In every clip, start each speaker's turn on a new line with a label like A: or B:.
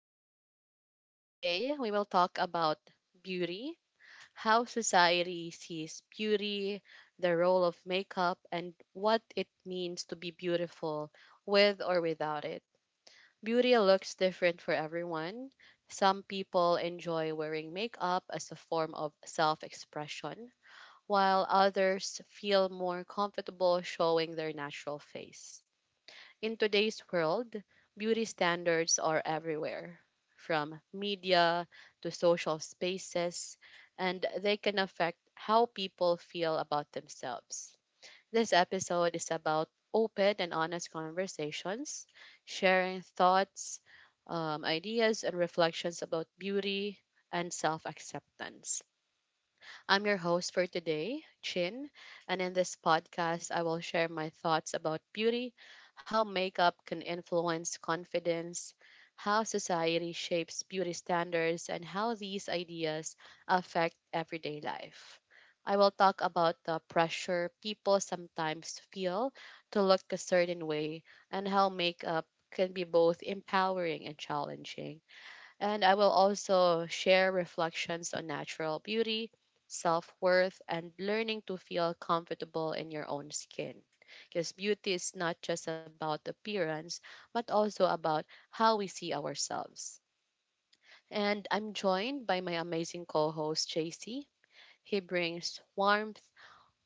A: podcast. Today, we will talk about beauty, how society sees beauty, the role of makeup, and what it means to be beautiful with or without it. Beauty looks different for everyone. Some people enjoy wearing makeup as a form of self expression, while others feel more comfortable showing their natural face. In today's world, beauty standards are everywhere, from media to social spaces, and they can affect how people feel about themselves. This episode is about open and honest conversations, sharing thoughts, ideas, and reflections about beauty and self acceptance. I'm your host for today, Chin, and in this podcast, I will share my thoughts about beauty, how makeup can influence confidence, how society shapes beauty standards, and how these ideas affect everyday life. I will talk about the pressure people sometimes feel to look a certain way and how makeup can be both empowering and challenging. And I will also share reflections on natural beauty, self worth, and learning to feel comfortable in your own skin. Because beauty is not just about appearance, but also about how we see ourselves. And I'm joined by my amazing co host, JC. He brings warmth,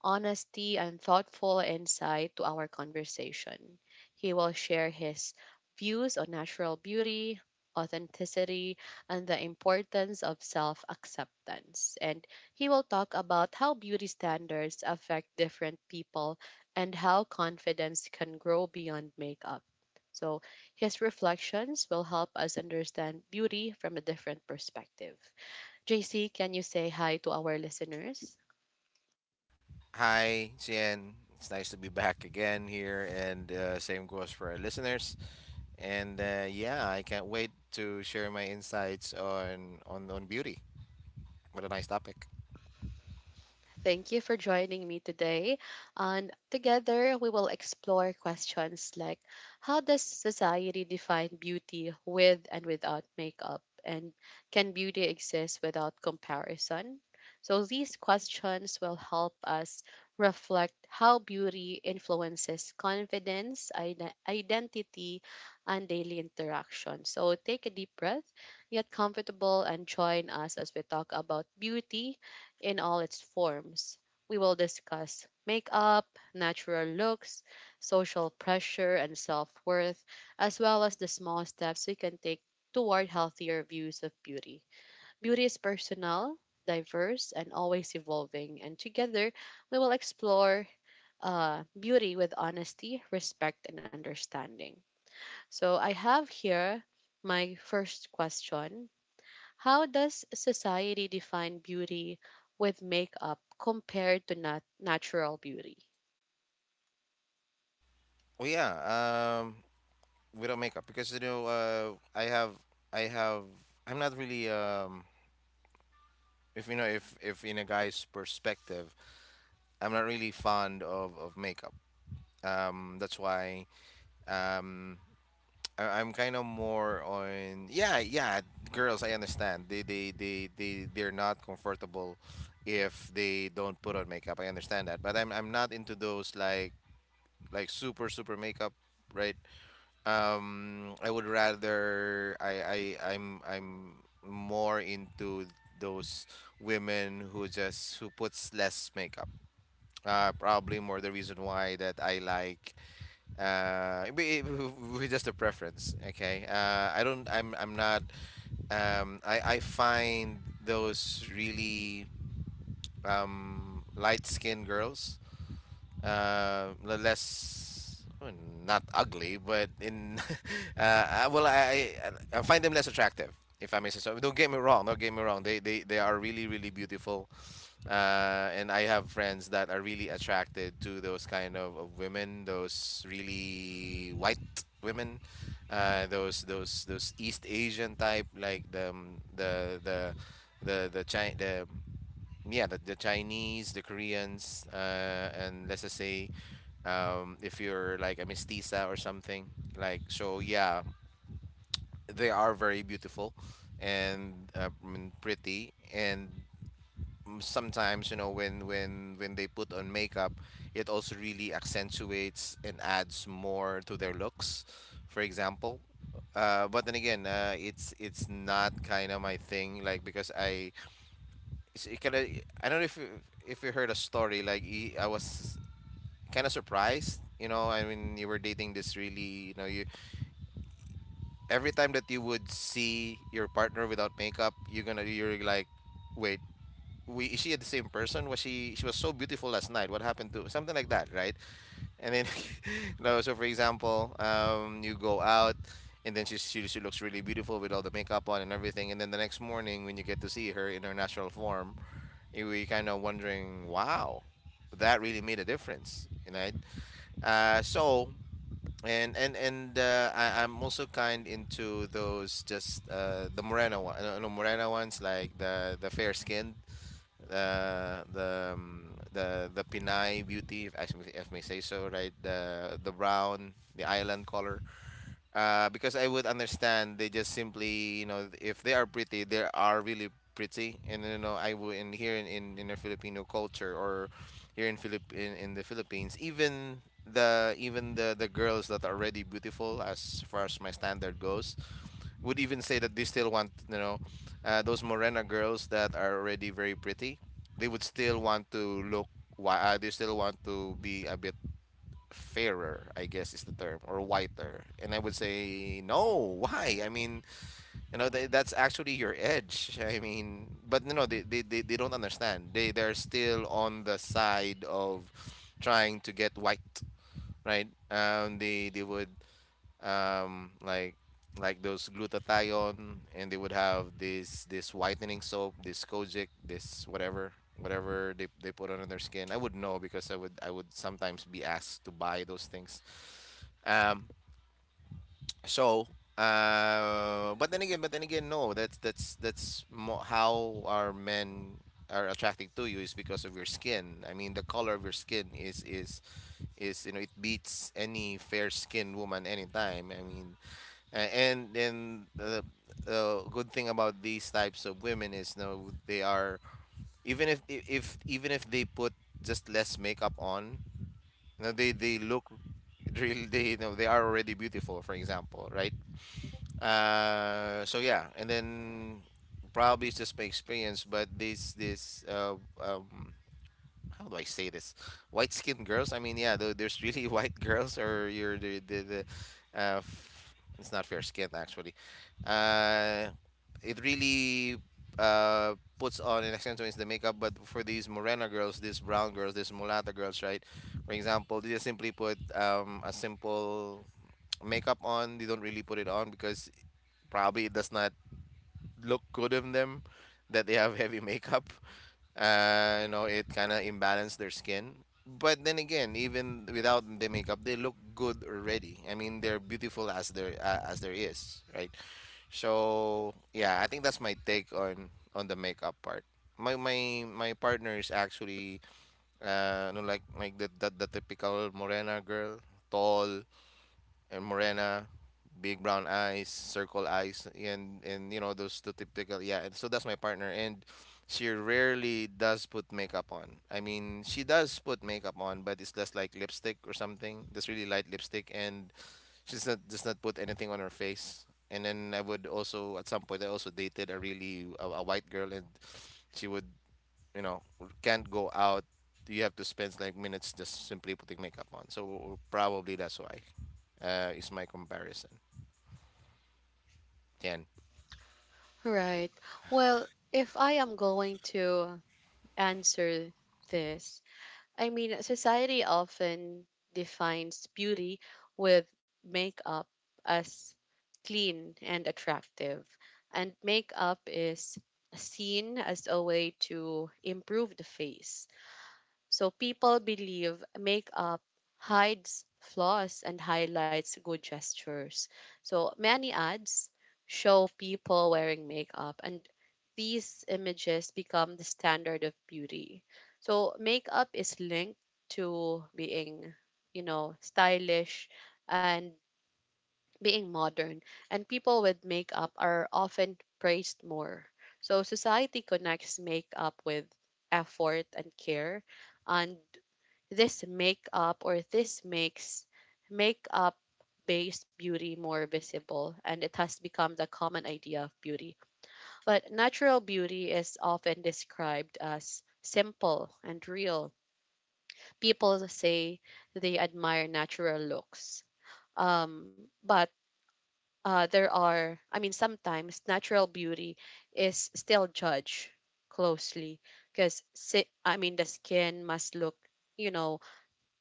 A: honesty, and thoughtful insight to our conversation. He will share his views on natural beauty, authenticity, and the importance of self acceptance. And he will talk about how beauty standards affect different people and how confidence can grow beyond makeup. So, his reflections will help us understand beauty from a different perspective. JC, can you say hi to our listeners?
B: Hi, Cien. It's nice to be back again here, and same goes for our listeners. And I can't wait to share my insights on beauty. What a nice topic.
A: Thank you for joining me today. And together we will explore questions like, how does society define beauty with and without makeup? And can beauty exist without comparison? So these questions will help us reflect how beauty influences confidence, identity, and daily interaction. So take a deep breath, get comfortable, and join us as we talk about beauty in all its forms. We will discuss makeup, natural looks, social pressure, and self worth, as well as the small steps we can take toward healthier views of beauty. Beauty is personal, diverse, and always evolving, and together we will explore beauty with honesty, respect, and understanding. So, I have here my first question: how does society define beauty with makeup compared to natural beauty?
B: Well, yeah, um, without makeup because you know, I have, I'm not really, if you know, if in a guy's perspective, I'm not really fond of makeup. That's why, um, I'm kind of more on yeah, yeah, girls, I understand. They're not comfortable if they don't put on makeup. I understand that. But I'm not into those like like super makeup, right? I would rather I'm more into those women who just who puts less makeup. Probably more the reason why that I like uh it be- it- with just a preference. Okay, I don't, I'm not, I find those really, light skinned girls, less, well, not ugly but in uh I- well I, I find them less attractive if I may say so. Don't get me wrong, they are really beautiful. Uh, and I have friends that are really attracted to those kind of women, those really white women, those East Asian type, like the yeah, the Chinese, the Koreans, and let's just say if you're like a mestiza or something like, so yeah, they are very beautiful and I mean, pretty. And sometimes, you know, when when they put on makeup, it also really accentuates and adds more to their looks, for example. But then again, it's not kind of my thing, like, because I it's, it kind of, I don't know if you heard a story like I was kind of surprised. You know, I mean, you were dating this really, you know, you, every time that you would see your partner without makeup, you're gonna, you're like, wait, we is she the same person? Was she was so beautiful last night. What happened? To something like that, right? And then, you know, so for example, you go out, and then she looks really beautiful with all the makeup on and everything, and then the next morning when you get to see her in her natural form, you we kind of wondering, wow, that really made a difference, you know, right? So. I'm also kind into those just, the morena one. No, no, morena ones, like the fair skinned, the Pinay beauty, if I s- if may say so, right? The brown, the island color. Because I would understand, they just simply, you know, if they are pretty, they are really pretty. And you know, I would, in here, in the Filipino culture, or here in in the Philippines, even the girls that are already beautiful, as far as my standard goes, would even say that they still want, you know, those Morena girls that are already very pretty. They would still want to look, why, they still want to be a bit fairer, I guess is the term, or whiter. And I would say no. Why? I mean, you know, they, that's actually your edge. I mean, but no, no, they don't understand. They're still on the side of trying to get white, right? They would, um, like like those glutathione, and they would have this whitening soap, this Kojic, this whatever they put on their skin. I would know because I would, I would sometimes be asked to buy those things. Um, so, but then again, no. How our men are attracted to you is because of your skin. I mean, the color of your skin is you know, it beats any fair-skinned woman anytime. I mean, and the good thing about these types of women is, no, they are, even if even if they put just less makeup on, you know, they look really, they you know, they are already beautiful, for example, right? So yeah, and then probably it's just my experience, but this um, how do I say this? White skinned girls. I mean, yeah, there's really white girls, or you're the, it's not fair skin, actually. Uh, it really puts on and accentuates the makeup. But for these Morena girls, these brown girls, these mulatto girls, right? For example, they just simply put a simple makeup on. They don't really put it on because probably it does not look good on them, that they have heavy makeup. You know, it kind of imbalanced their skin. But then again, even without the makeup, they look good already. I mean, they're beautiful as there, as there is, right? So yeah, I think that's my take on the makeup part. My partner is actually no like, the typical morena girl, tall, and morena, big brown eyes, circle eyes, and you know, those two typical, yeah. And so that's my partner, and she rarely does put makeup on. I mean, she does put makeup on, but it's just like lipstick or something, just really light lipstick, and she's not does not put anything on her face. And then I would also at some point I also dated a really a white girl, and she would, you know, can't go out, you have to spend like minutes just simply putting makeup on. So probably that's why, is my comparison, Tian.
A: Right. Well, if I am going to answer this, I mean, society often defines beauty with makeup as clean and attractive. And makeup is seen as a way to improve the face. So people believe makeup hides flaws and highlights good gestures. So many ads show people wearing makeup, and these images become the standard of beauty. So makeup is linked to being, you know, stylish and being modern, and people with makeup are often praised more. So society connects makeup with effort and care, and this makes makeup based beauty more visible, and it has become the common idea of beauty. But natural beauty is often described as simple and real. People say they admire natural looks. But There are, I mean, sometimes natural beauty is still judged closely because, I mean, the skin must look, you know,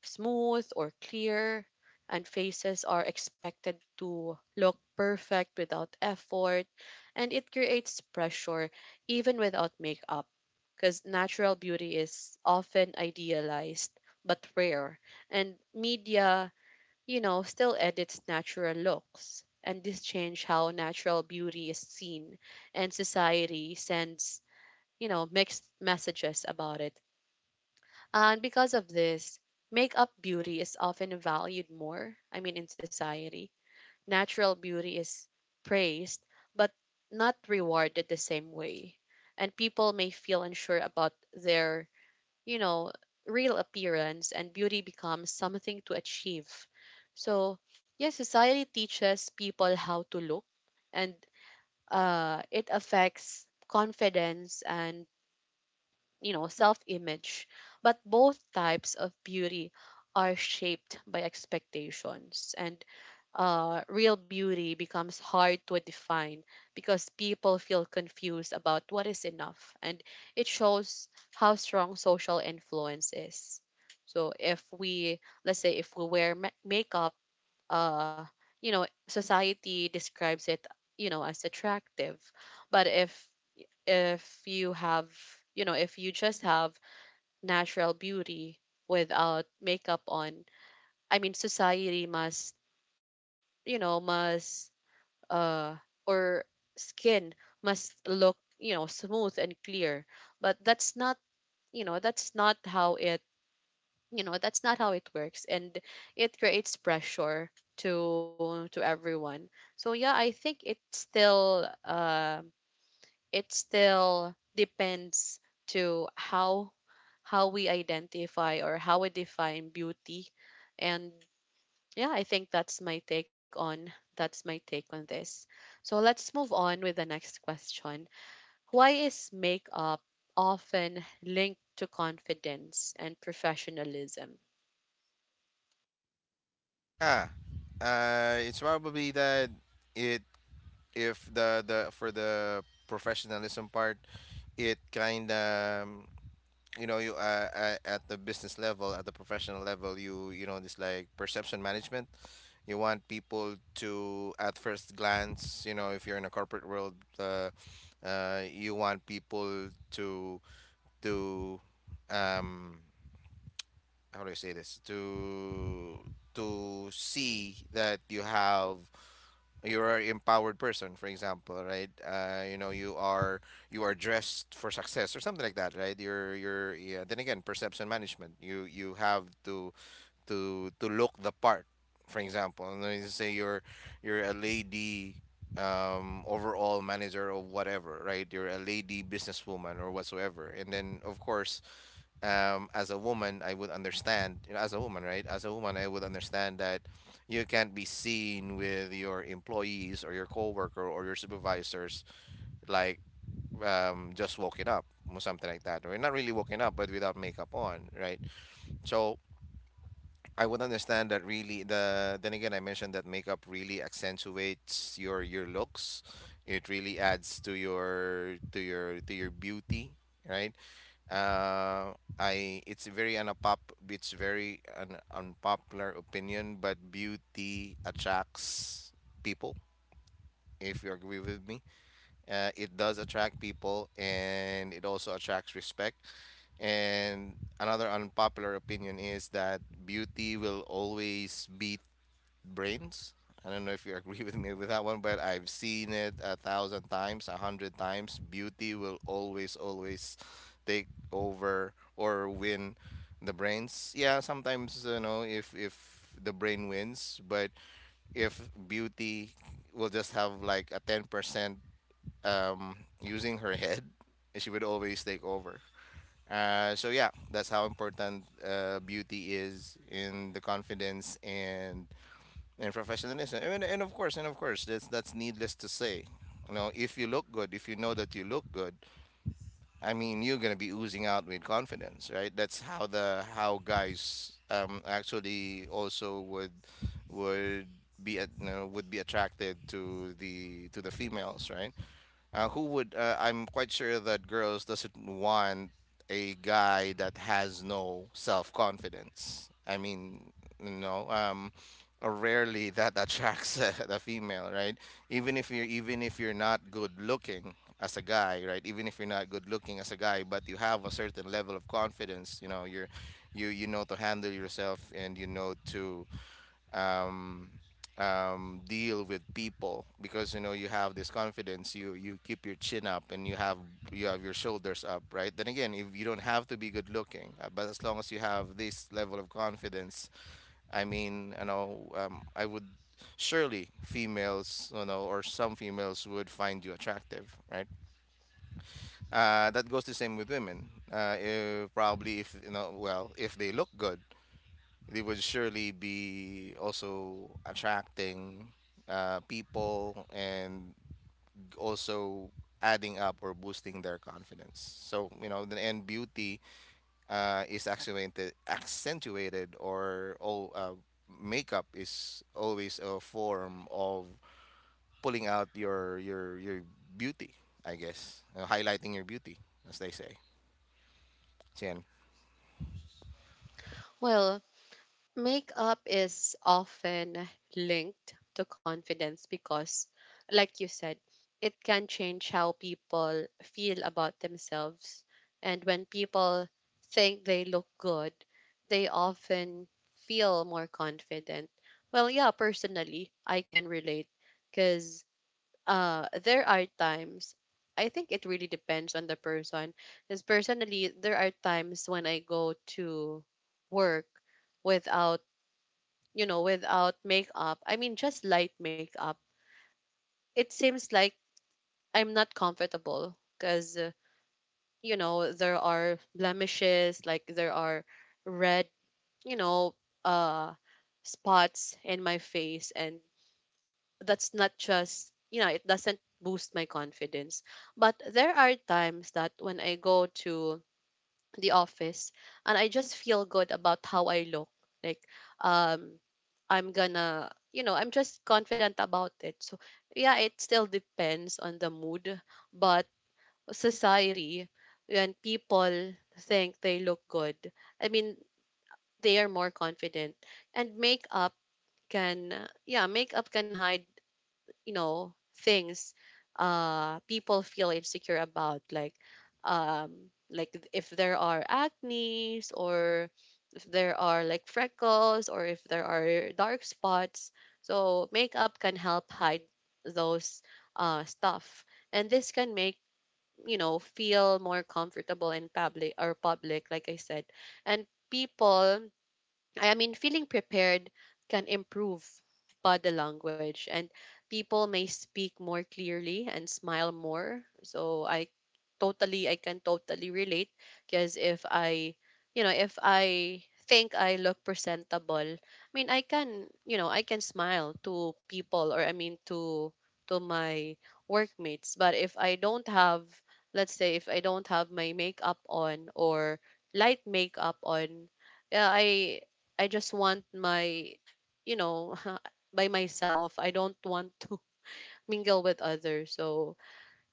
A: smooth or clear, and faces are expected to look perfect without effort, and it creates pressure even without makeup because natural beauty is often idealized but rare, and media, you know, still edits natural looks. And this change how natural beauty is seen, and society sends, you know, mixed messages about it, and because of this, makeup beauty is often valued more, I mean, in society. Natural beauty is praised, but not rewarded the same way. And people may feel unsure about their, you know, real appearance, and beauty becomes something to achieve. So, yes, society teaches people how to look, and it affects confidence and, you know, self image. But both types of beauty are shaped by expectations. And real beauty becomes hard to define because people feel confused about what is enough. And it shows how strong social influence is. So if we, let's say, if we wear makeup, uh, you know, society describes it, you know, as attractive. But if you have, you know, if you just have natural beauty without makeup on. I mean, society must, you know, uh, or skin must look, you know, smooth and clear. But that's not, you know, that's not how it, you know, that's not how it works. And it creates pressure to everyone. So yeah, I think it still depends to how we identify or how we define beauty. And yeah, I think that's my take on this. So let's move on with the next question. Why is makeup often linked to confidence and professionalism?
B: Ah, it's probably that it if the the for the professionalism part, it kind of, you know, you, at the business level, at the professional level, you know, this like perception management. You want people to, at first glance, you know, if you're in a corporate world, you want people to to um, how do I say this? To see that you have, you're an empowered person, for example, right? You know, you are dressed for success or something like that, right? You're yeah. Then again, perception management. You have to look the part, for example. And then you say you're a lady overall manager or whatever, right? You're a lady businesswoman or whatsoever. And then of course, as a woman, I would understand, you know, as a woman, right? As a woman, I would understand that you can't be seen with your employees or your coworker or your supervisors like, just walking up or something like that, or not really walking up, but without makeup on, right? So I would understand that, really, the, then again, I mentioned that makeup really accentuates your looks. It really adds to your, to your beauty, right? I it's very unpop it's very an unpopular opinion, but beauty attracts people, if you agree with me. It does attract people, and it also attracts respect. And another unpopular opinion is that beauty will always beat brains. I don't know if you agree with me with that one, but I've seen it a thousand times, a hundred times. Beauty will always, always take over or win the brains. Yeah, sometimes, you know, if the brain wins, but if beauty will just have like a 10% um, using her head, she would always take over. So yeah, that's how important beauty is in the confidence and professionalism. And of course, that's needless to say. You know, if you look good, if you know that you look good, I mean, you're gonna be oozing out with confidence, right? That's how the, how guys, actually also would, would be at, you know, would be attracted to the, to the females, right? Who would, I'm quite sure that girls doesn't want a guy that has no self confidence. I mean, you know, rarely that attracts a, a female, right? Even if you're not good looking as a guy, right? even if you're not good looking as a guy, but you have a certain level of confidence, you know, you know to handle yourself and you know to um, deal with people because you know you have this confidence, you keep your chin up and you have your shoulders up, right? Then again, if you don't have to be good looking, but as long as you have this level of confidence, I mean, you know, I would surely, females, you know, or some females would find you attractive, right? That goes the same with women. If, Probably if you know, well, if they look good, they would surely be also attracting people, and also adding up or boosting their confidence. So, you know, the and beauty is accentuated, or all makeup is always a form of pulling out your beauty, I guess, highlighting your beauty, as they say. So, yan.
A: Well, makeup is often linked to confidence because, like you said, it can change how people feel about themselves. And when people think they look good, they often feel more confident. Well, yeah, personally, I can relate because there are times, I think it really depends on the person. Because personally, there are times when I go to work without, you know, without makeup, I mean, just light makeup, it seems like I'm not comfortable because, you know, there are blemishes, like there are red, you know, uh, spots in my face. And that's not just, you know, it doesn't boost my confidence. But there are times that when I go to the office and I just feel good about how I look. Like, um, I'm gonna, you know, I'm just confident about it. So, yeah, it still depends on the mood, but society, when people think they look good, I mean, they are more confident. And makeup can, yeah, makeup can hide, you know, things people feel insecure about, like if there are acne's, or if there are like freckles, or if there are dark spots. So makeup can help hide those stuff, and this can make, you know, feel more comfortable in public or public, like I said. And people, I mean, feeling prepared can improve body language, and people may speak more clearly and smile more. So I can totally relate because if I, you know, if I think I look presentable, I mean, I can, you know, I can smile to people, or I mean to my workmates. But if I don't have, let's say, if I don't have my makeup on or light makeup on, yeah, I just want my, you know, by myself. I don't want to mingle with others. So,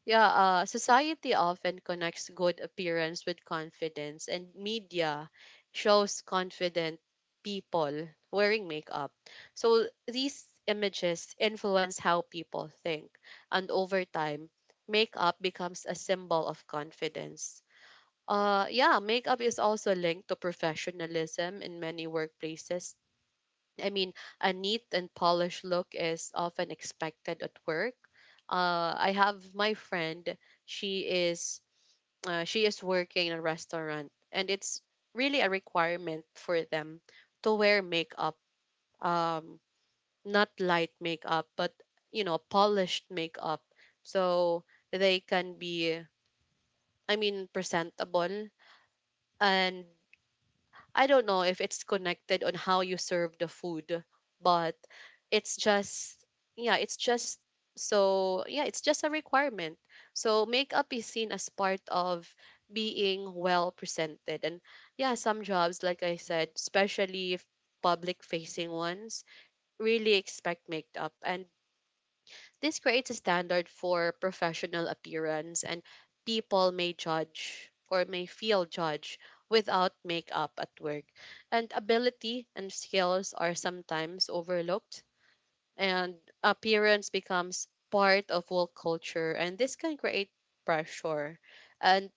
A: yeah, society often connects good appearance with confidence, and media shows confident people wearing makeup. So, these images influence how people think, and over time, makeup becomes a symbol of confidence. Yeah, makeup is also linked to professionalism in many workplaces. I mean, a neat and polished look is often expected at work. I have my friend. She is she is working in a restaurant, and it's really a requirement for them to wear makeup. Um, Not light makeup, but, you know, polished makeup, so they can be, I mean, presentable. And I don't know if it's connected on how you serve the food, but it's just yeah, it's just so yeah, it's just a requirement. So makeup is seen as part of being well presented. And yeah, some jobs, like I said, especially if public facing ones, really expect makeup. And this creates a standard for professional appearance, and people may judge or may feel judged without makeup at work. And ability and skills are sometimes overlooked, and appearance becomes part of work culture, and this can create pressure. And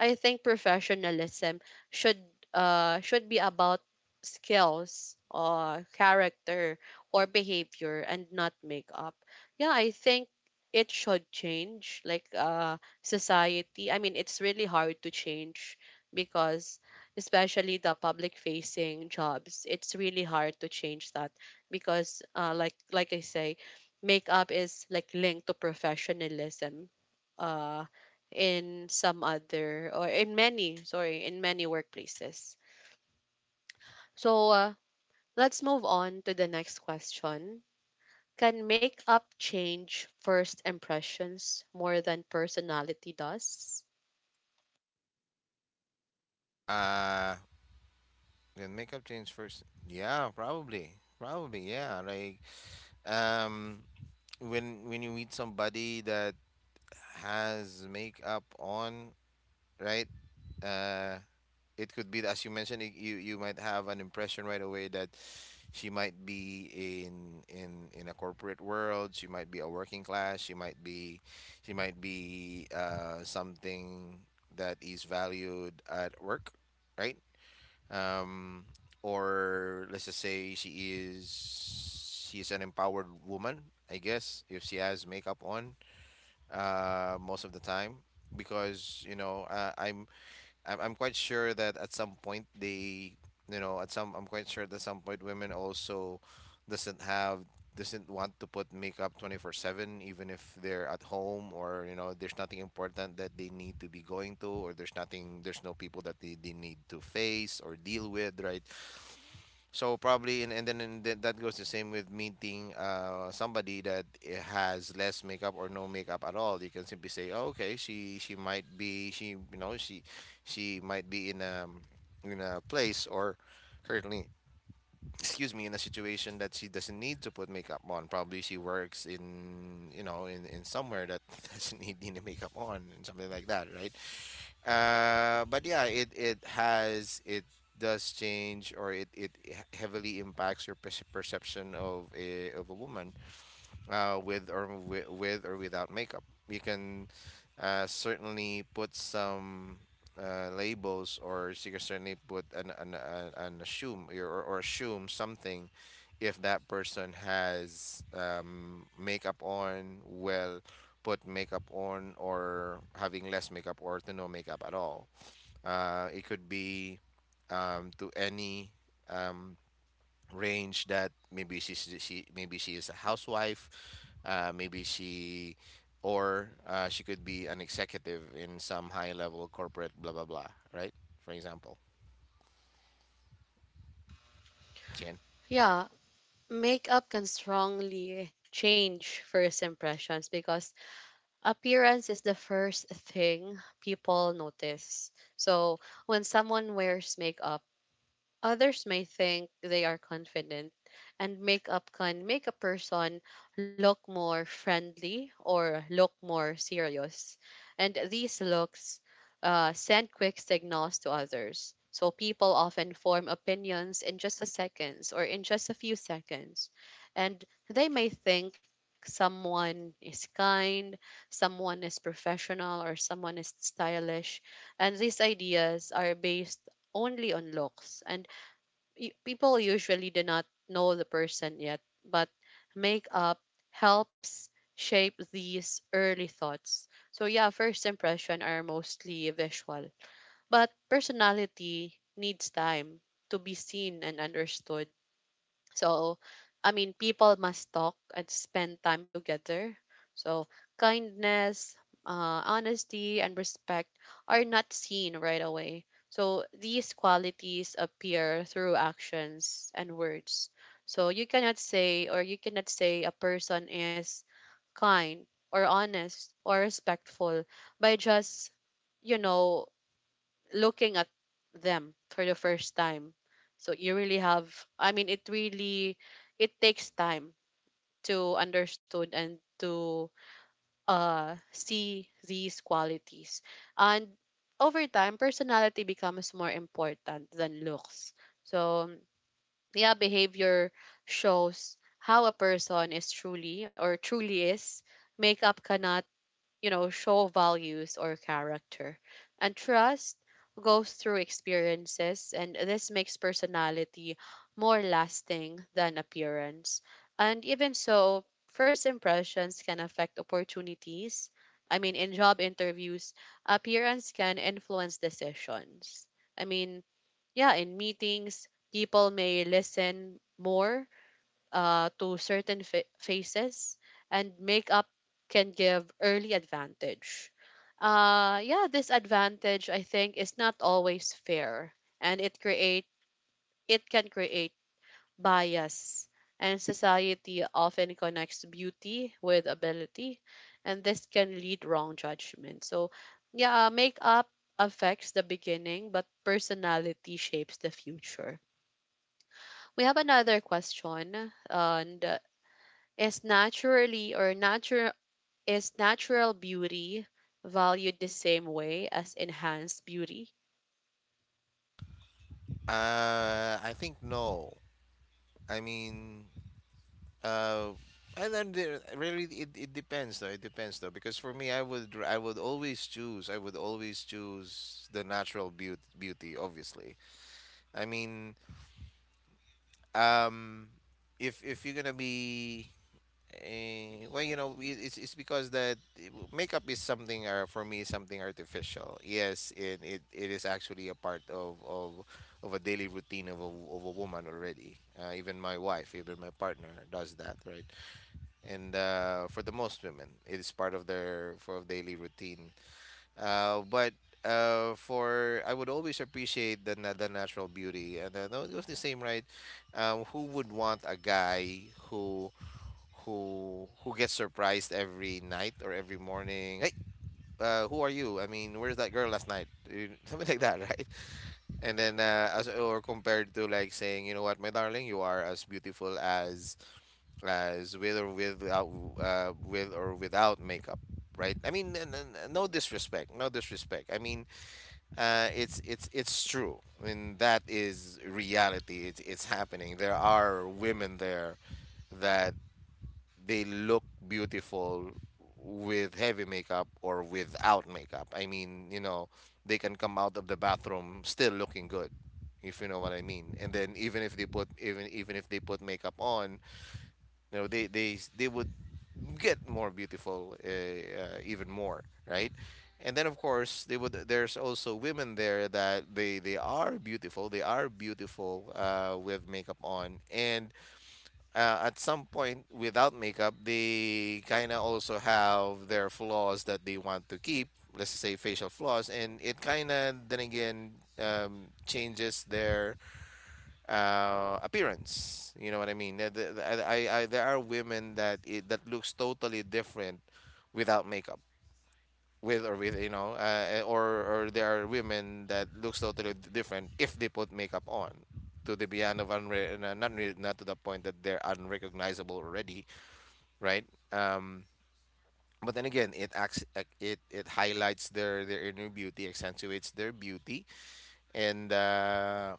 A: I think professionalism should should be about skills or character or behavior and not makeup. Yeah, I think it should change, like society. I mean, it's really hard to change because especially the public facing jobs, it's really hard to change that because like I say, makeup is like linked to professionalism. Uh in some other or in many, sorry, in many workplaces. So let's move on to the next question. Can makeup change first impressions more than personality does?
B: Uh, then makeup change first. Yeah, probably, probably, yeah. Like um when you meet somebody that has makeup on, right, uh it could be, as you mentioned, you might have an impression right away that she might be, in a corporate world, she might be a working class, she might be something that is valued at work, right? um, or let's just say she is, an empowered woman, I guess, if she has makeup on, most of the time, because you know, I'm quite sure that at some point they, you know, at some I'm quite sure that some point women also doesn't have doesn't want to put makeup 24/7, even if they're at home, or you know there's nothing important that they need to be going to, or there's no people that they need to face or deal with, right? So probably, and then, that goes the same with meeting somebody that has less makeup or no makeup at all. You can simply say, oh, okay, she might be she you know she might be in a place, or currently, excuse me, in a situation that she doesn't need to put makeup on. Probably she works in, you know, in somewhere that doesn't need any makeup on and something like that, right? But yeah, it does change, or it heavily impacts your perception of a woman, with or without makeup. You can certainly put some labels, or you can certainly put an assume, or assume something, if that person has makeup on, well, put makeup on, or having less makeup, or to no makeup at all. It could be to any um, range, that maybe she's she maybe she is a housewife, maybe she or she could be an executive in some high level corporate blah blah blah, right? For example, Jen.
A: Yeah, makeup can strongly change first impressions because appearance is the first thing people notice. So when someone wears makeup, others may think they are confident, and makeup can make a person look more friendly or look more serious. And these looks send quick signals to others. So people often form opinions in just a seconds or in just a few seconds. And they may think someone is kind, someone is professional, or someone is stylish. And these ideas are based only on looks, and people usually do not know the person yet, but makeup helps shape these early thoughts. So yeah, first impression are mostly visual, but personality needs time to be seen and understood. So, I mean, people must talk and spend time together. So, kindness, honesty, and respect are not seen right away. So, these qualities appear through actions and words. So, you cannot say, or you cannot say, a person is kind or honest or respectful by just, you know, looking at them for the first time. So you really have I mean it takes time to understood and to see these qualities. And over time, personality becomes more important than looks. So yeah, behavior shows how a person is truly or truly is. Makeup cannot show values or character. And trust goes through experiences, and this makes personality more lasting than appearance. And even so, first impressions can affect opportunities. I mean, in job interviews, appearance can influence decisions. I mean, yeah, in meetings, people may listen more to certain phases, and makeup can give early advantage. Yeah, this advantage, I think, is not always fair, and it can create bias. And society often connects beauty with ability, and this can lead wrong judgment. So, yeah, makeup affects the beginning, but personality shapes the future. We have another question, and is naturally or natural is natural beauty valued the same way as enhanced beauty?
B: I think no. I mean, uh, and then there, really, it depends though. It depends though because for me, I would always choose the natural beauty. Obviously, I mean, um, if you're gonna be, well, you know, it's because makeup is something, for me, something artificial. Yes, and it is actually a part of a daily routine of a woman already. Even my wife, even my partner does that, right? And for the most women, it is part of their for of daily routine. But for I would always appreciate the natural beauty, and no, it was the same, right? Who would want a guy who gets surprised every night or every morning? Hey, who are you? I mean, where's that girl last night? You- Something like that, right? And then as or compared to, like, saying, you know what, my darling, you are as beautiful as with or without, makeup, right? I mean, no disrespect, I mean, it's true. I mean, that is reality. It's it's happening. There are women there that they look beautiful with heavy makeup or without makeup. I mean, you know, they can come out of the bathroom still looking good, if you know what I mean. And then, even if they put, makeup on, you know, they would get more beautiful even more, right? And then of course they would. There's also women there that they are beautiful. They are beautiful with makeup on, and at some point without makeup, they kind of also have their flaws that they want to keep. Let's say facial flaws, and it kind of then again, changes their appearance. You know what I mean? There are women that that looks totally different without makeup, with or with you know, or there are women that looks totally different if they put makeup on. To the beyond of not to the point that they're unrecognizable already, right? Um, but then again, it acts, it it highlights their inner beauty, accentuates their beauty, and uh,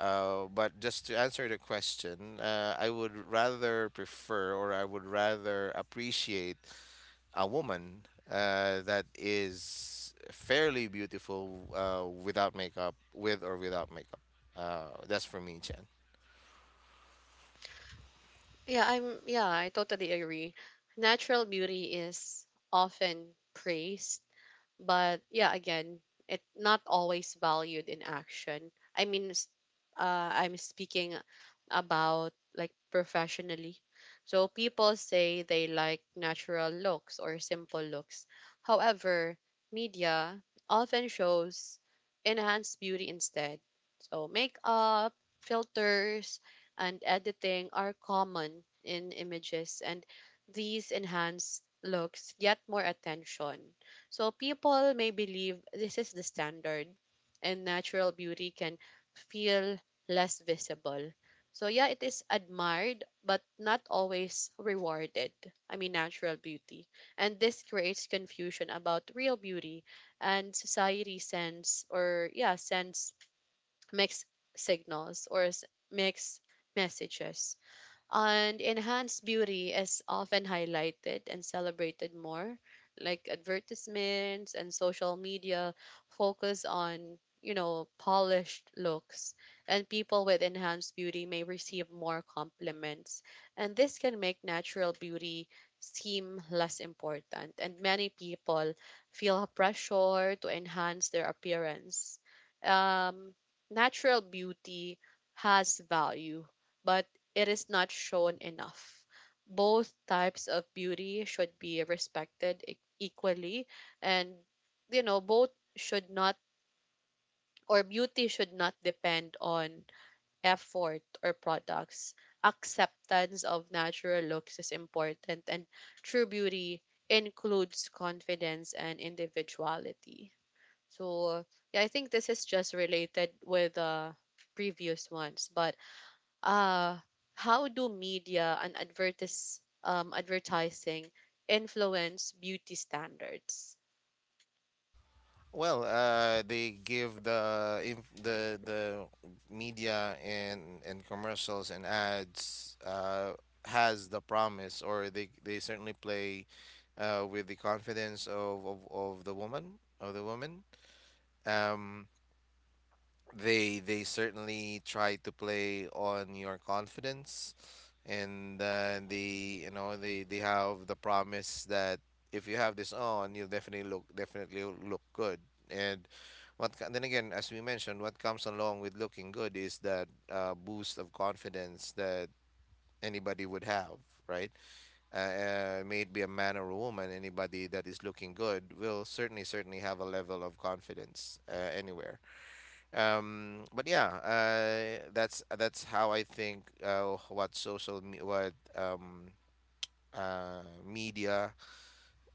B: uh, but just to answer the question, I would rather prefer, or I would rather appreciate a woman that is fairly beautiful without makeup, with or without makeup. That's for me, Chen.
A: Yeah, I'm yeah, I totally agree. Natural beauty is often praised. But yeah, again, it not always valued in action. I mean, I'm speaking about like professionally. So people say they like natural looks or simple looks. However, media often shows enhanced beauty instead. So makeup, filters, and editing are common in images, and these enhanced looks get more attention, so people may believe this is the standard, and natural beauty can feel less visible. So yeah, it is admired but not always rewarded. I mean natural beauty. And this creates confusion about real beauty, and society sends or yeah, sends mixed signals or mixed messages. And enhanced beauty is often highlighted and celebrated more, like advertisements and social media focus on, polished looks. And people with enhanced beauty may receive more compliments. And this can make natural beauty seem less important. And many people feel pressure to enhance their appearance. Um, natural beauty has value, but it is not shown enough. Both types of beauty should be respected equally, and both should not, or beauty should not, depend on effort or products. Acceptance of natural looks is important, and true beauty includes confidence and individuality. So yeah, I think this is just related with the previous ones, but uh how do media and advertising influence beauty standards?
B: Well, they give the inf- the media and commercials and ads has the promise, or they certainly play with the confidence of the woman. Um, they they certainly try to play on your confidence, and they have the promise that if you have this on, you'll definitely look good. And then again, as we mentioned, what comes along with looking good is that boost of confidence that anybody would have, right? May it be a man or a woman, anybody that is looking good will certainly have a level of confidence anywhere. But yeah, that's how I think, what social me what media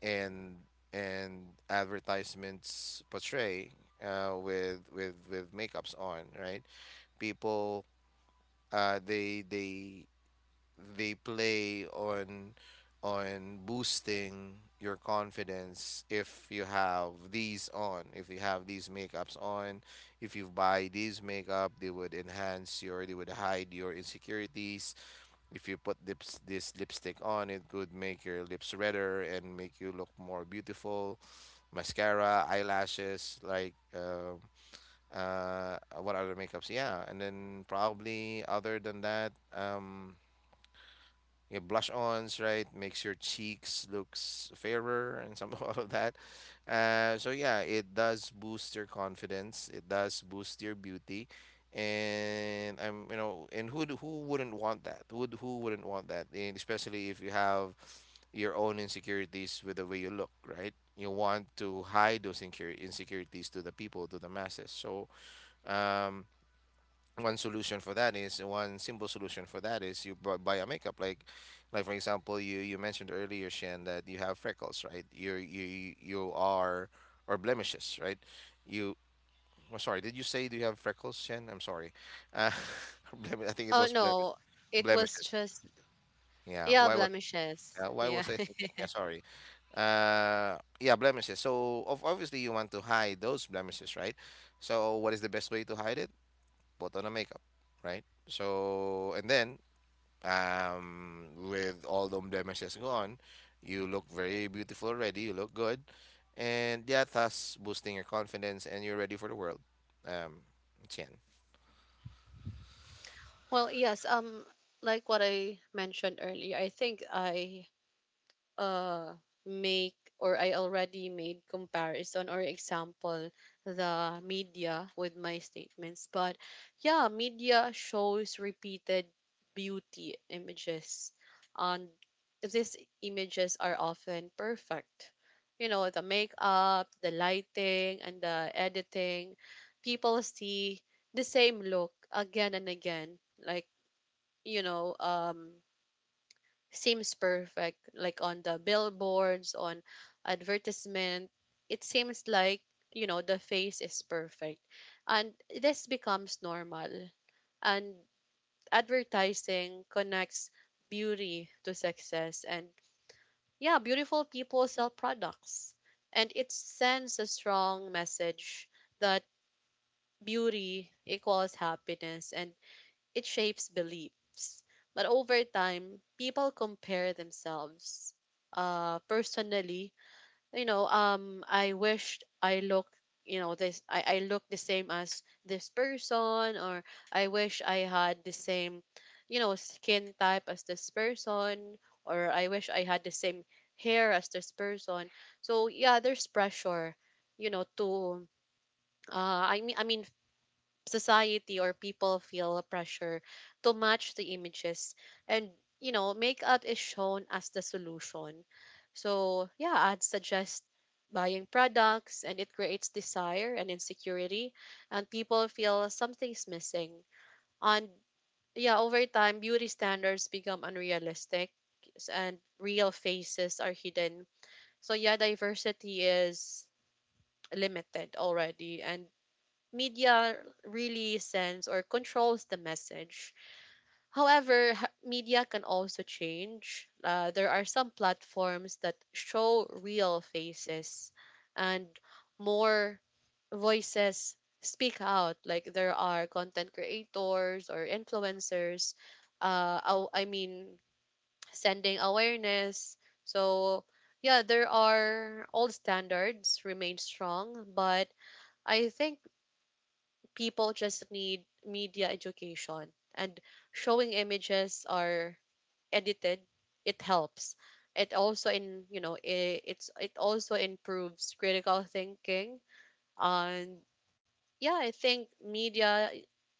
B: and advertisements portray, with makeups on, right? People, uh, they they they play on, boosting your confidence, if you have these on, if you have these makeups on. If you buy these makeup, they would hide your insecurities. If you put lips this lipstick on, it would make your lips redder and make you look more beautiful, mascara, eyelashes, like what other makeups, yeah, and then probably other than that, you have blush ons, right? Makes your cheeks looks fairer and some, all of that. So yeah, it does boost your confidence, it does boost your beauty, and I'm, you know, and who wouldn't want that? Who wouldn't want that? And especially if you have your own insecurities with the way you look, right? You want to hide those insecure insecurities to the people, to the masses. So, um, one simple solution for that is, you buy a makeup, like, for example, you mentioned earlier, Shen, that you have freckles, right? You're you you are or blemishes, right? you I sorry, did you say, do you have freckles, Shen? I'm sorry, uh I think it
A: Oh
B: was
A: no, it was
B: blemishes,
A: just
B: yeah.
A: yeah,
B: why was
A: blemishes.
B: uh, why
A: Yeah.
B: was I thinking, yeah, sorry, yeah, blemishes. So of obviously, you want to hide those blemishes, right? So what is the best way to hide it? Put on a makeup, right? So, and then with all the blemishes gone, you look very beautiful already. You look good, and yeah, thus boosting your confidence, and you're ready for the world. Um, it's yan.
A: Well, yes, like what I mentioned earlier, I think uh I already made comparison or example the media with my statements. But yeah, media shows repeated beauty images, and these images are often perfect. You know, the makeup, the lighting, and the editing. People see the same look again and again. Like, you know, um seems perfect, like on the billboards, on advertisement. It seems like the face is perfect, and this becomes normal. And advertising connects beauty to success, and yeah, beautiful people sell products, and it sends a strong message that beauty equals happiness, and it shapes beliefs. But over time, people compare themselves. Personally, I wished I looked, this I look the same as this person, or I wish I had the same, skin type as this person, or I wish I had the same hair as this person. So yeah, there's pressure, to I mean, society or people feel pressure to match the images, and makeup is shown as the solution. So yeah, ads suggest buying products, and it creates desire and insecurity, and people feel something's missing. And yeah, over time, beauty standards become unrealistic, and real faces are hidden. So yeah, diversity is limited already, and media really sends or controls the message. However, media can also change. There are some platforms that show real faces, and more voices speak out. Like there are content creators or influencers, I mean, sending awareness. So, yeah, there are old standards remain strong, but I think people just need media education, and showing images are edited, it helps. It also in you know it, it's it also improves critical thinking. And yeah, I think media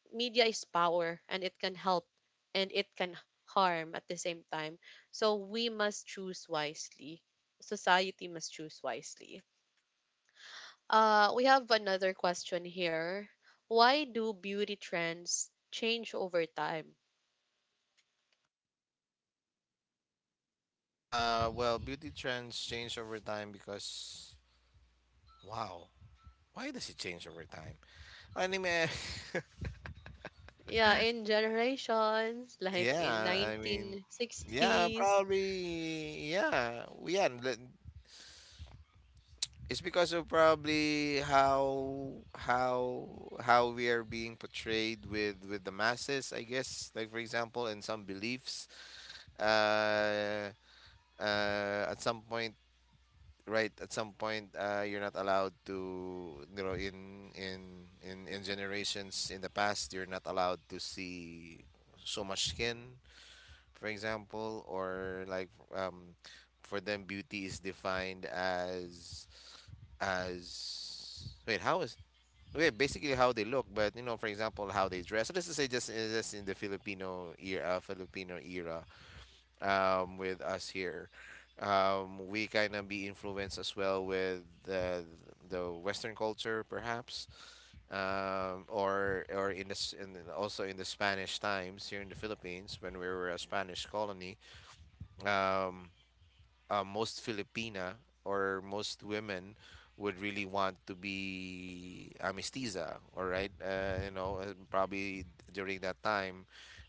A: media is power, and it can help and it can harm at the same time, so we must choose wisely. Society must choose wisely. We have another question here. Why do beauty trends change over time?
B: Well, beauty trends change over time because, wow, why does it change over time? I mean,
A: Yeah, in generations, like in
B: yeah, I mean, yeah,
A: 1960s.
B: probably, yeah, yeah. It's because of probably how we are being portrayed with the masses, I guess. Like for example, in some beliefs, uh, at some point, right? At some point, you're not allowed to, you know, in generations in the past, you're not allowed to see so much skin, for example, or like, um, for them, beauty is defined as wait, how is wait, basically how they look, but you know, for example, how they dress. So let's just say just in the Filipino era, with us here, we kind of be influenced as well with the Western culture, perhaps or in the also in the Spanish times here in the Philippines when we were a Spanish colony, um, most Filipina or most women would really want to be a mestiza, all right? You know, and probably during that time,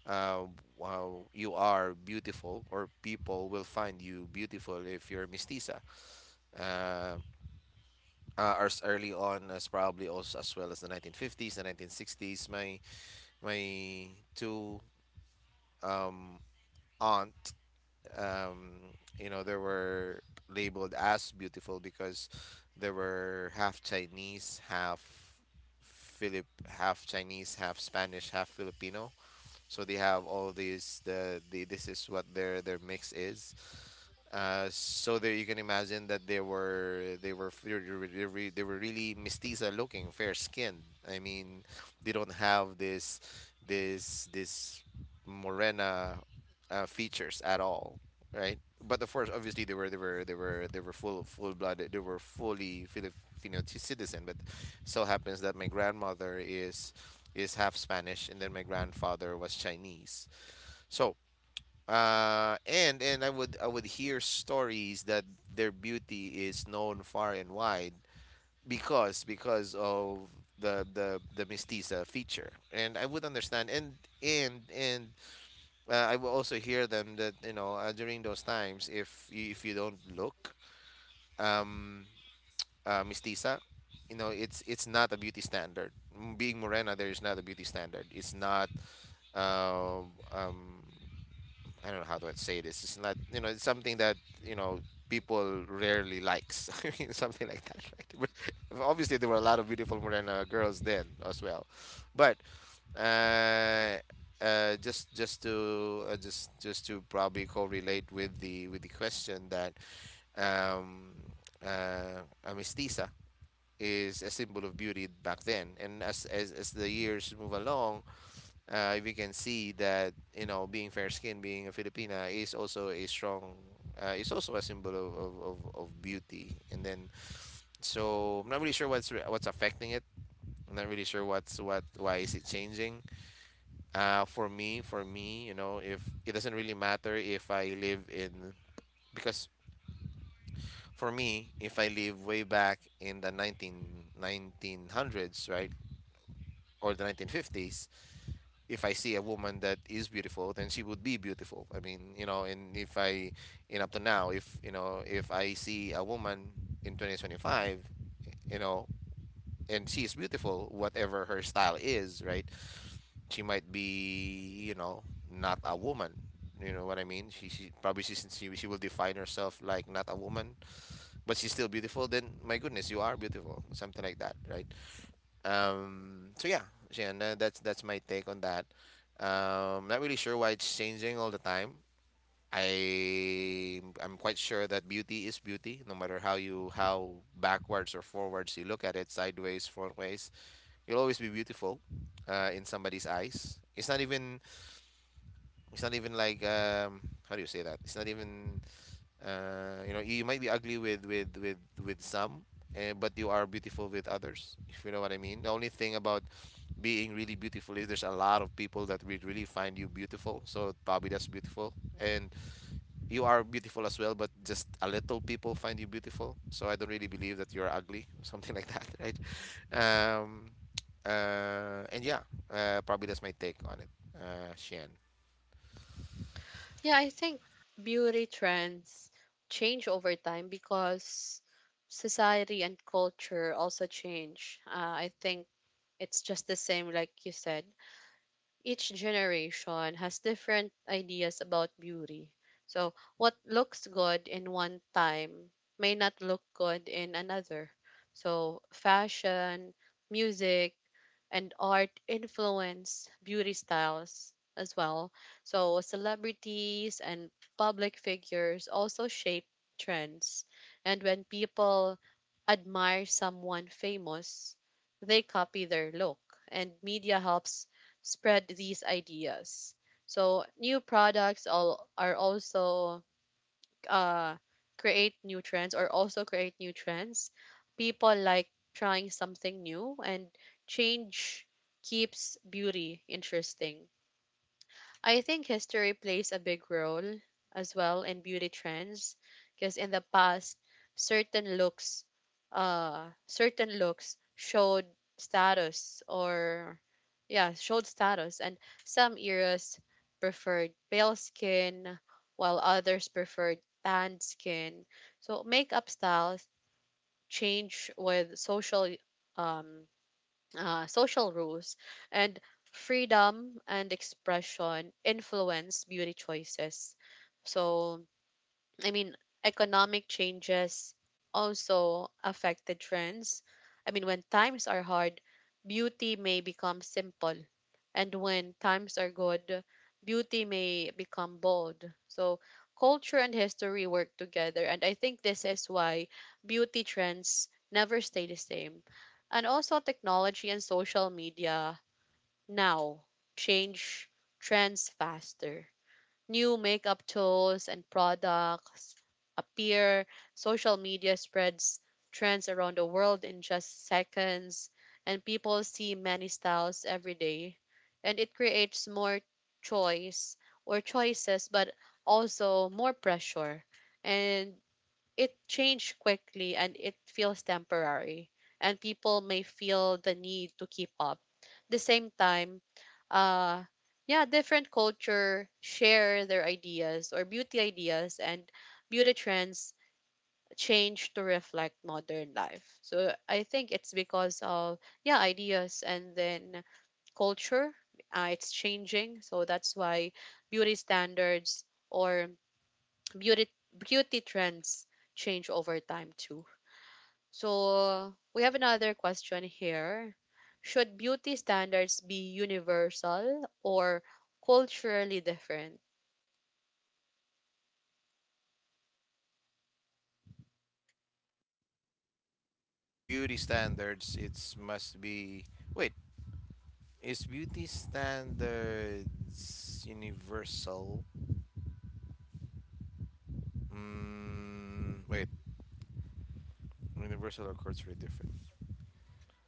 B: uh, wow, you are beautiful, or people will find you beautiful if you're mestiza. Uh, as early on as probably also as well as the 1950s, the 1960s, my two um, aunt, um, you know, they were labeled as beautiful because they were half Chinese, half Chinese, half Spanish, half Filipino. So they have all these the this is what their mix is. So there you can imagine that they were f- they were, they were they were really mestiza looking, fair skinned. I mean, they don't have this morena features at all, right? But of course, obviously they were full full blooded. They were fully Filipino citizen. But so happens that my grandmother is half Spanish, and then my grandfather was Chinese. So, and I would hear stories that their beauty is known far and wide because of the mestiza feature, and I would understand. And I will also hear them that, you know, during those times, if you don't look, um, Miss Tisa, you know, it's not a beauty standard. Being morena, there is not a beauty standard. It's not, uh, um, I don't know how do I say this. It's not, it's something that you know people rarely likes. I mean, something like that, right? But obviously, there were a lot of beautiful morena girls then as well, but. Uh, just to probably correlate with the question that um, Miss Tisa is a symbol of beauty back then. And as the years move along, we can see that, you know, being fair skinned, being a Filipina is also a strong. Is also a symbol of beauty. And then so I'm not really sure what's affecting it. I'm not really sure what why is it changing. For me, you know, if it doesn't really matter if I live in, because for me, if I live way back in the 19 1900s, right, or the 1950s, if I see a woman that is beautiful, then she would be beautiful. I mean, you know, and if I and up to now, if, you know, if I see a woman in 2025, you know, and she is beautiful, whatever her style is, right, she might be, you know, not a woman. You know what I mean, she probably she will define herself like not a woman, but she's still beautiful. Then, my goodness, you are beautiful, something like that, right? um, so yeah, no, that's my take on that. Not really sure why it's changing all the time. I'm quite sure that beauty is beauty, no matter how you, how backwards or forwards you look at it, sideways, frontways, you'll always be beautiful, in somebody's eyes. It's not even like, how do you say that? It's not even, you know, you might be ugly with some, eh, but you are beautiful with others, if you know what I mean. The only thing about being really beautiful is there's a lot of people that would really find you beautiful. So probably that's beautiful, and you are beautiful as well. But just a little people find you beautiful. So I don't really believe that you're ugly, something like that, right? Um, and yeah, probably that's my take on it. Shan.
A: Yeah, I think beauty trends change over time because society and culture also change. I think it's just the same, like you said. Each generation has different ideas about beauty. So, what looks good in one time may not look good in another. So, fashion, music, and art influence beauty styles as well. So celebrities and public figures also shape trends. And when people admire someone famous, they copy their look, and media helps spread these ideas. So new products all are also, uh, create new trends or also create new trends. People like trying something new, and change keeps beauty interesting. I think history plays a big role as well in beauty trends, because in the past certain looks, certain looks showed status, or yeah, showed status, and some eras preferred pale skin while others preferred tanned skin. So makeup styles change with social, um social rules, and freedom and expression influence beauty choices. So, I mean, economic changes also affect the trends. I mean, when times are hard, beauty may become simple. And when times are good, beauty may become bold. So, culture and history work together. And I think this is why beauty trends never stay the same. And also, technology and social media now change trends faster. New makeup tools and products appear. Social media spreads trends around the world in just seconds, and people see many styles every day. And it creates more choice or choices, but also more pressure. And it changed quickly and it feels temporary, and people may feel the need to keep up. The same time, uh yeah, different culture share their ideas or beauty ideas, and beauty trends change to reflect modern life. So I think it's because of, yeah, ideas and then culture, it's changing. So that's why beauty standards or beauty trends change over time too. So we have another question here. Should beauty standards be universal or culturally different?
B: Beauty standards, it's must be. Wait, is beauty standards universal? Mm, wait, universal or culturally different?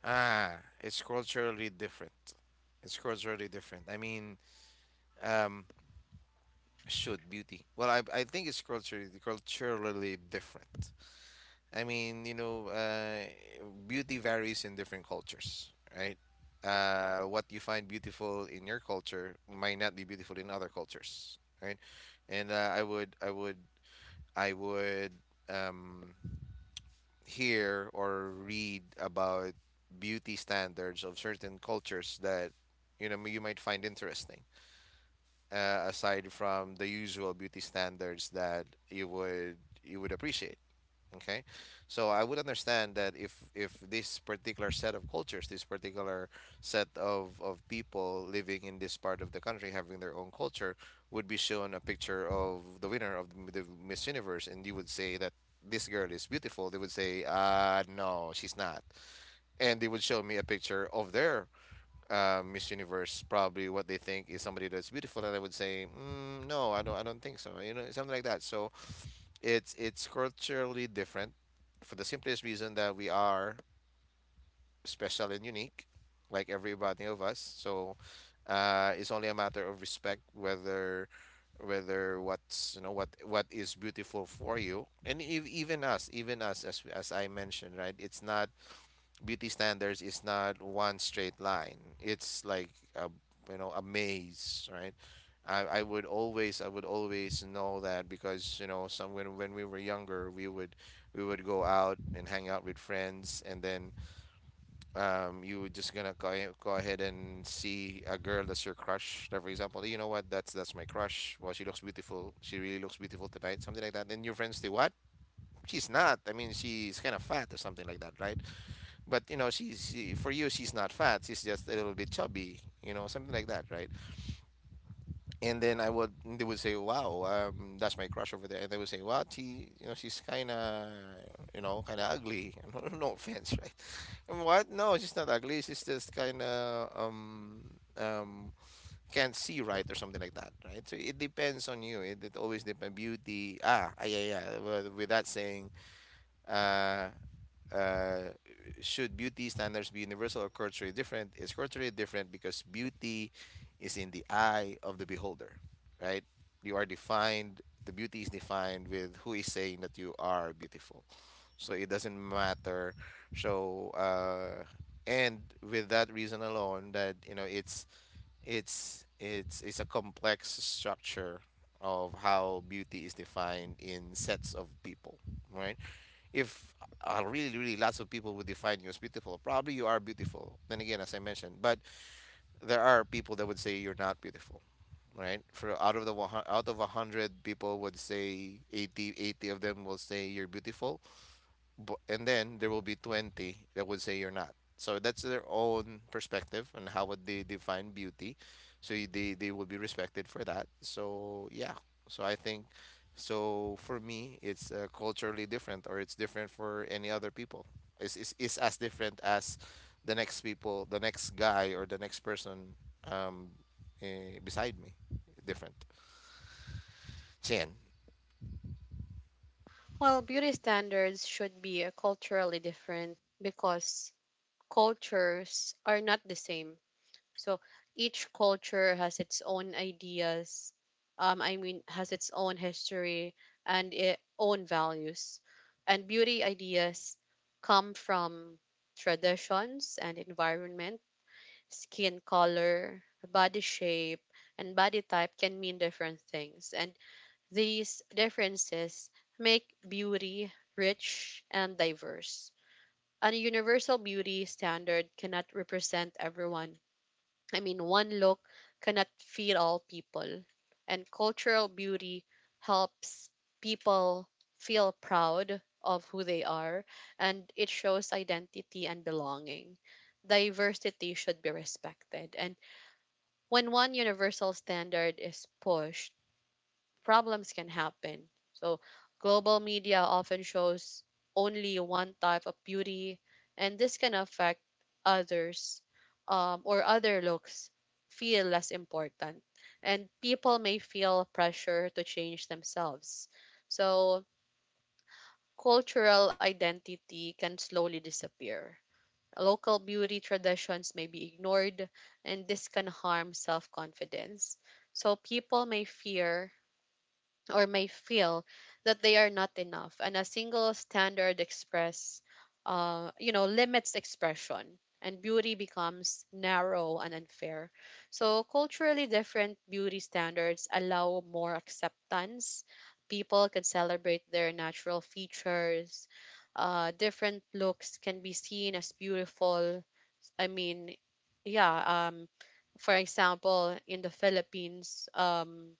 B: Ah, it's culturally different. It's culturally different. I mean, um, should beauty? Well, I think it's culturally different. I mean, you know, beauty varies in different cultures, right? What you find beautiful in your culture might not be beautiful in other cultures, right? And I would I would I would um, hear or read about beauty standards of certain cultures that, you know, you might find interesting. Aside from the usual beauty standards that you would appreciate. Okay, so I would understand that if this particular set of cultures, this particular set of people living in this part of the country having their own culture would be shown a picture of the winner of the Miss Universe, and you would say that this girl is beautiful, they would say, no, she's not, and they would show me a picture of their, Miss Universe, probably what they think is somebody that's beautiful, and I would say, mm, no, I don't think so, you know, something like that. So it's culturally different for the simplest reason that we are special and unique, like everybody of us. So, it's only a matter of respect whether what's, you know, what is beautiful for you. And even us, as I mentioned, right, it's not, beauty standards is not one straight line. It's like a, you know, a maze, right? I would always know that because, you know, some when we were younger, we would go out and hang out with friends, and then, you would just gonna go, go ahead and see a girl that's your crush, like for example, "Hey, you know what, that's my crush, well, she looks beautiful, she really looks beautiful tonight," something like that. Then your friends say, what, she's not, I mean, she's kind of fat or something like that, right? But you know, she, for you, she's not fat, she's just a little bit chubby, you know, something like that, right? and then I would They would say, wow, that's my crush over there, and they would say, wow, she, you know, she's kind of, you know, kind of ugly, no, no offense, right? And what, no, she's not ugly, she's just kind of, um can't see right or something like that, right? So it depends on you. It always depends, beauty, yeah, yeah. Well, with that saying, uh, uh, should beauty standards be universal or culturally different? Is culturally different because beauty is in the eye of the beholder, right? You are defined, the beauty is defined with who is saying that you are beautiful. So it doesn't matter. So, and with that reason alone, that, you know, it's a complex structure of how beauty is defined in sets of people, right? If, really lots of people would define you as beautiful, probably you are beautiful. Then again, as I mentioned, but there are people that would say you're not beautiful, right? For out of the one, out of a 100 people would say 80, 80 of them will say you're beautiful, and then there will be 20 that would say you're not. So that's their own perspective on how would they define beauty. So they will be respected for that. So yeah. So I think, so for me, it's, culturally different, or it's different for any other people. It's as different as the next people, the next guy or the next person, um, beside me. Different. Chen.
A: Well, beauty standards should be culturally different because cultures are not the same. So each culture has its own ideas, I mean, has its own history and its own values. And beauty ideas come from traditions and environment. Skin color, body shape, and body type can mean different things, and these differences make beauty rich and diverse. A universal beauty standard cannot represent everyone. I mean, one look cannot fit all people, and cultural beauty helps people feel proud of who they are, and it shows identity and belonging. Diversity should be respected, and when one universal standard is pushed, problems can happen. So, global media often shows only one type of beauty, and this can affect others, or other looks feel less important. And people may feel pressure to change themselves. So, cultural identity can slowly disappear. Local beauty traditions may be ignored, and this can harm self confidence. So people may fear or may feel that they are not enough, and a single standard express, limits expression, and beauty becomes narrow and unfair. So culturally different beauty standards allow more acceptance. People can celebrate their natural features, different looks can be seen as beautiful. I mean, yeah, for example, in the Philippines,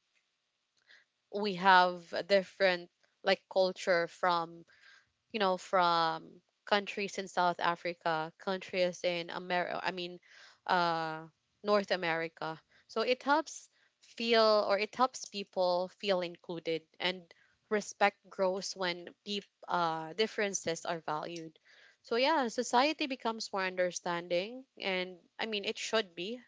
A: we have a different like culture from, from countries in South Africa, countries in America, I mean, uh, North America. So it helps feel, or it helps people feel included, and respect grows when deep differences are valued. So yeah, society becomes more understanding, and I mean it should be,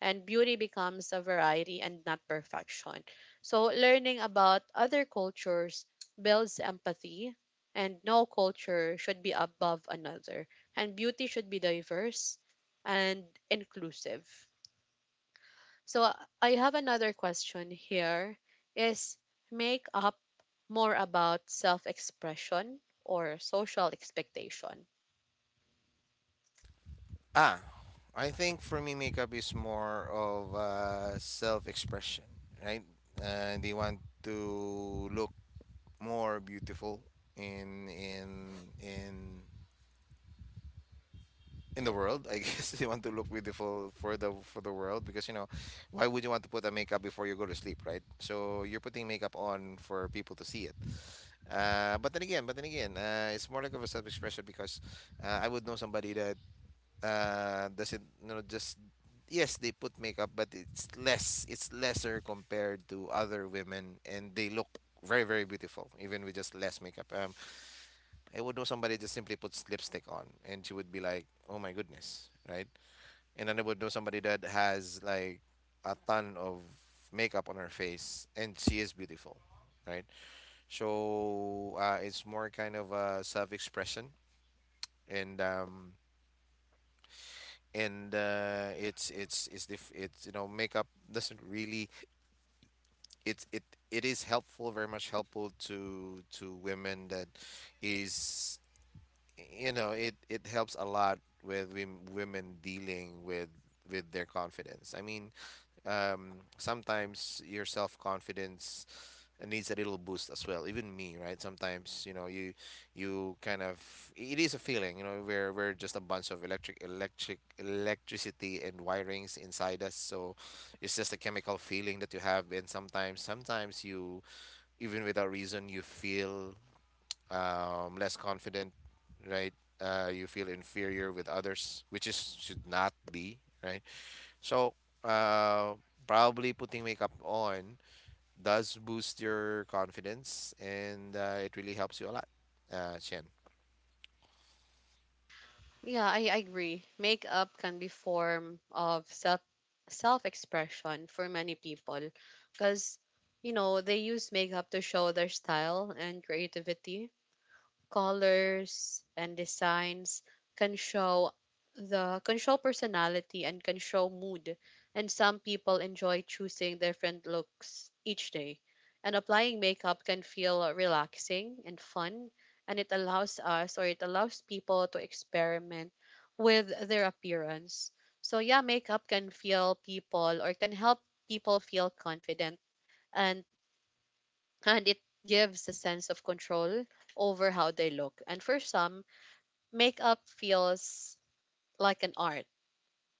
A: and beauty becomes a variety and not perfection. So learning about other cultures builds empathy, and no culture should be above another, and beauty should be diverse and inclusive. So I have another question here. Is makeup more about self-expression or social expectation?
B: Ah, I think for me, makeup is more of, self expression, right? They want to look more beautiful in in in in the world, I guess. They want to look beautiful for the world, because, you know, why would you want to put a makeup before you go to sleep, right? So you're putting makeup on for people to see it. But then again, it's more like of a self expression. Because I would know somebody that doesn't, just, yes, they put makeup, but it's lesser compared to other women, and they look very, very beautiful even with just less makeup. I would know somebody just simply puts lipstick on, and she would be like, oh my goodness, right? And then I would know somebody that has like a ton of makeup on her face, and she is beautiful, right? So it's more kind of a self-expression. And um and uh, it's makeup doesn't really... it's it it is helpful, very much helpful to women. That is, you know, it helps a lot with women dealing with their confidence, I mean. Sometimes your self-confidence needs a little boost as well, even me, right? Sometimes, you kind of... it is a feeling, you know? We're we're just a bunch of electricity and wirings inside us. So it's just a chemical feeling that you have, and sometimes you, even without reason, you feel less confident, right? You feel inferior with others, which is should not be, right? So uh, probably putting makeup on does boost your confidence, and it really helps you a lot, Chen.
A: Yeah, I agree, makeup can be form of self-expression for many people, because they use makeup to show their style and creativity. Colors and designs can show the, can show personality, and can show mood. And some people enjoy choosing different looks each day, and applying makeup can feel relaxing and fun, and it allows people to experiment with their appearance. So yeah, makeup can help people feel confident, and and it gives a sense of control over how they look. And for some, makeup feels like an art.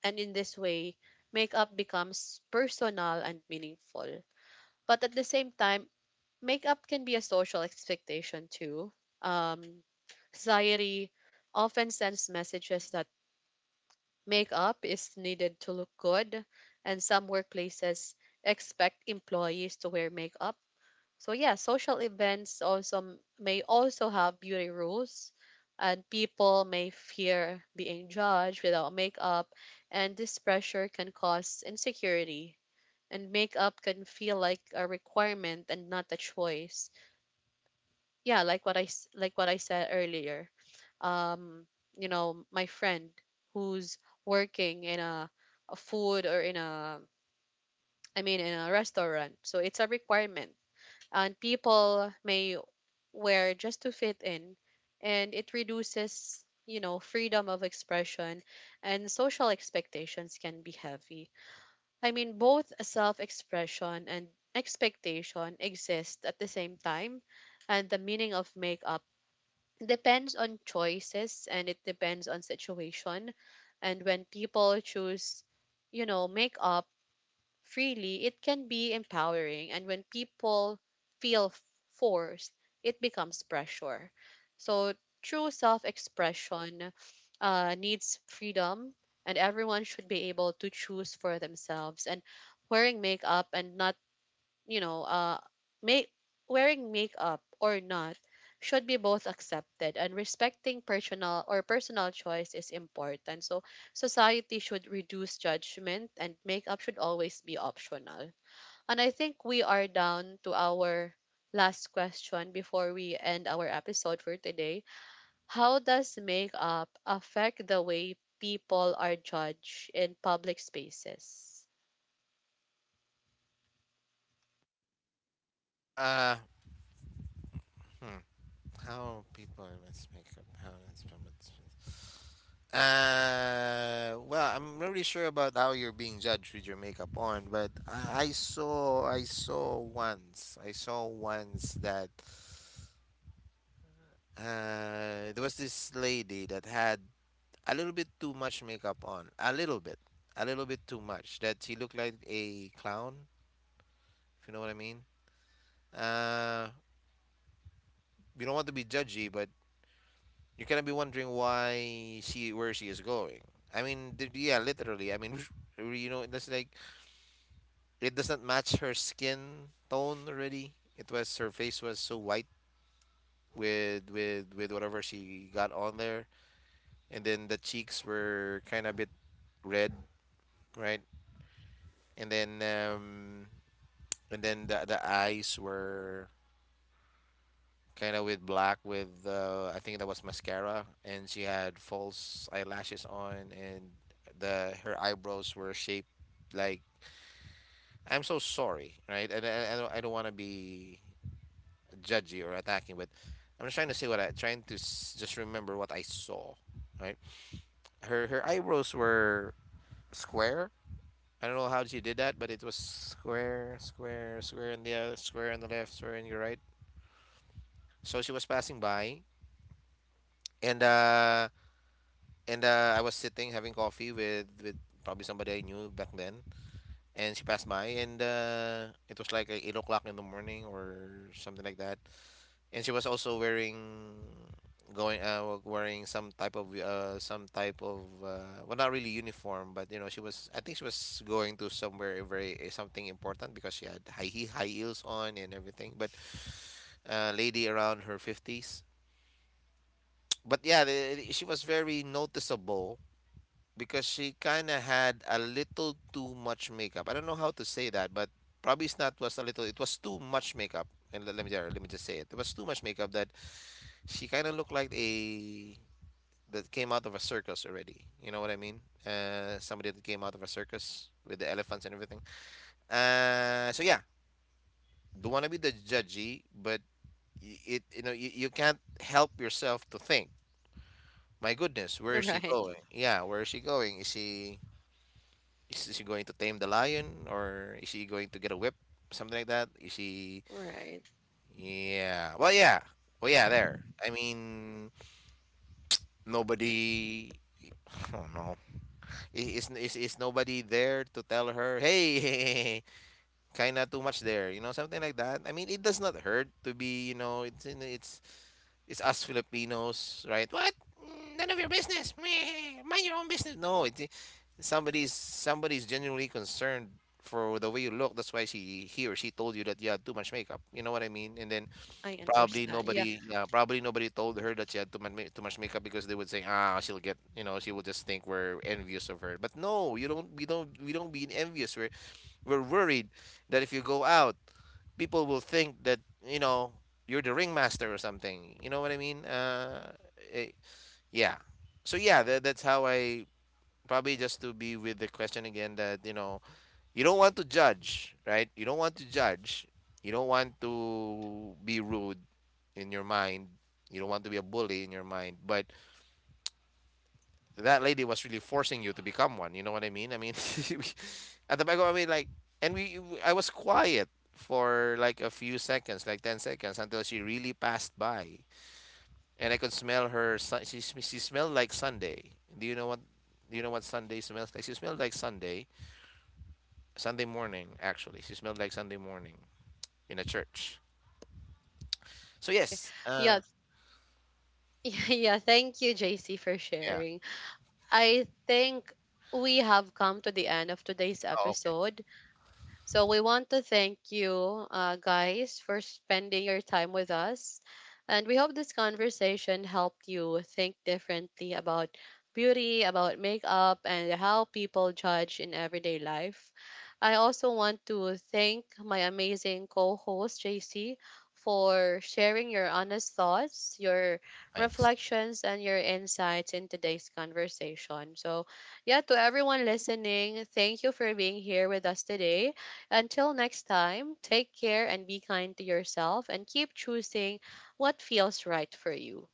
A: And in this way, makeup becomes personal and meaningful. But at the same time, makeup can be a social expectation too. Um, society often sends messages that makeup is needed to look good, and some workplaces expect employees to wear makeup. So yeah, social events also may also have beauty rules, and people may fear being judged without makeup, and this pressure can cause insecurity, and makeup can feel like a requirement and not a choice. Yeah, like what I said earlier. Um, my friend who's working in a food or in a I mean, in a restaurant. So it's a requirement, and people may where just to fit in, and it reduces, freedom of expression, and social expectations can be heavy. I mean, both self-expression and expectation exist at the same time, and the meaning of makeup depends on choices, and it depends on situation. And when people choose, makeup freely, it can be empowering. And when people feel forced, it becomes pressure. So true self expression needs freedom, and everyone should be able to choose for themselves. And wearing makeup and not you know, make wearing makeup or not should be both accepted, and respecting personal, or personal choice, is important. So society should reduce judgment, and makeup should always be optional. And I think we are down to our last question before we end our episode for today. How does makeup affect the way people are judged in public spaces?
B: Uh, hmm, how people miss makeup? How it's promoted. Well, I'm not really sure about how you're being judged with your makeup on, but I saw once that there was this lady that had a little bit too much makeup on, a little bit too much. That she looked like a clown, if you know what I mean. Uh, you don't want to be judgy, but you cannot be wondering why she where she is going. I mean, yeah, literally. I mean, that's like... it doesn't match her skin tone already. It was... her face was so white with whatever she got on there, and then the cheeks were kind of a bit red, right? And then um and then the eyes were kind of with black with I think that was mascara, and she had false eyelashes on, and the her eyebrows were shaped like... I'm so sorry, right? And I don't want to be judgy or attacking, but I'm just trying to see what I trying to s- just remember what I saw. Right, her eyebrows were square. I don't know how she did that, but it was square, square, square on the other, square on the left, square on your right. So she was passing by, and I was sitting having coffee with probably somebody I knew back then, and she passed by, and it was like 8 o'clock in the morning or something like that. And she was also wearing some type of well, not really uniform, but you know, she was... I think she was going to somewhere very something important because she had high heels on and everything, but lady around her 50s. But yeah, she was very noticeable because she kind of had a little too much makeup. I don't know how to say that, but probably it's not was a little it was too much makeup. And let me just say it was too much makeup that she kind of looked like a that came out of a circus already. You know what I mean? Somebody that came out of a circus with the elephants and everything. So yeah, don't want to be the judgy, but y- it you know, you can't help yourself to think, my goodness, where is she
A: Right,
B: going? Yeah, where is she going? Is she going to tame the lion or is she going to get a whip? Something like that. Is she?
A: right.
B: Yeah. Well, yeah. Well, yeah. There. I mean, nobody. I don't know. Is is nobody there to tell her, hey, kinda too much there, you know, something like that. I mean, it does not hurt to be, you know, it's us Filipinos, right? What? None of your business. Meh, mind your own business. No, it's somebody's genuinely concerned for the way you look. That's why she he or she told you that you had too much makeup. You know what I mean? And then...
A: I
B: probably
A: understand. Yeah.
B: nobody, yeah, probably nobody told her that she had too much makeup because they would say, ah, she'll get, you know, she will just think we're envious of her. But no, you don't, we don't be envious. We're worried that if you go out, people will think that you know you're the ringmaster or something. You know what I mean? Eh, yeah. So yeah, that's how I... probably just to be with the question again, that, you know, you don't want to judge, right? You don't want to judge. You don't want to be rude in your mind. You don't want to be a bully in your mind. But that lady was really forcing you to become one. You know what I mean? I mean, at the back of my mind, like, I was quiet for like a few seconds, like 10 seconds, until she really passed by. And I could smell her. She smelled like Sunday. Do you know what? Do you know what Sunday smells like? She smelled like Sunday, Sunday morning. Actually, she smelled like Sunday morning... in a church. So
A: Okay.
B: yes,
A: Yeah. Yeah. Thank you, JC, for
B: yeah.
A: sharing. I think we have come to the end of today's
B: Oh, okay.
A: episode. So we want to thank you, guys, for spending your time with us. And we hope this conversation helped you think differently about beauty, about makeup, and how people judge in everyday life. I also want to thank my amazing co host, JC, for sharing your honest thoughts, your
B: Thanks.
A: reflections, and your insights in today's conversation. So, yeah, to everyone listening, thank you for being here with us today. Until next time, take care and be kind to yourself, and keep choosing what feels right for you.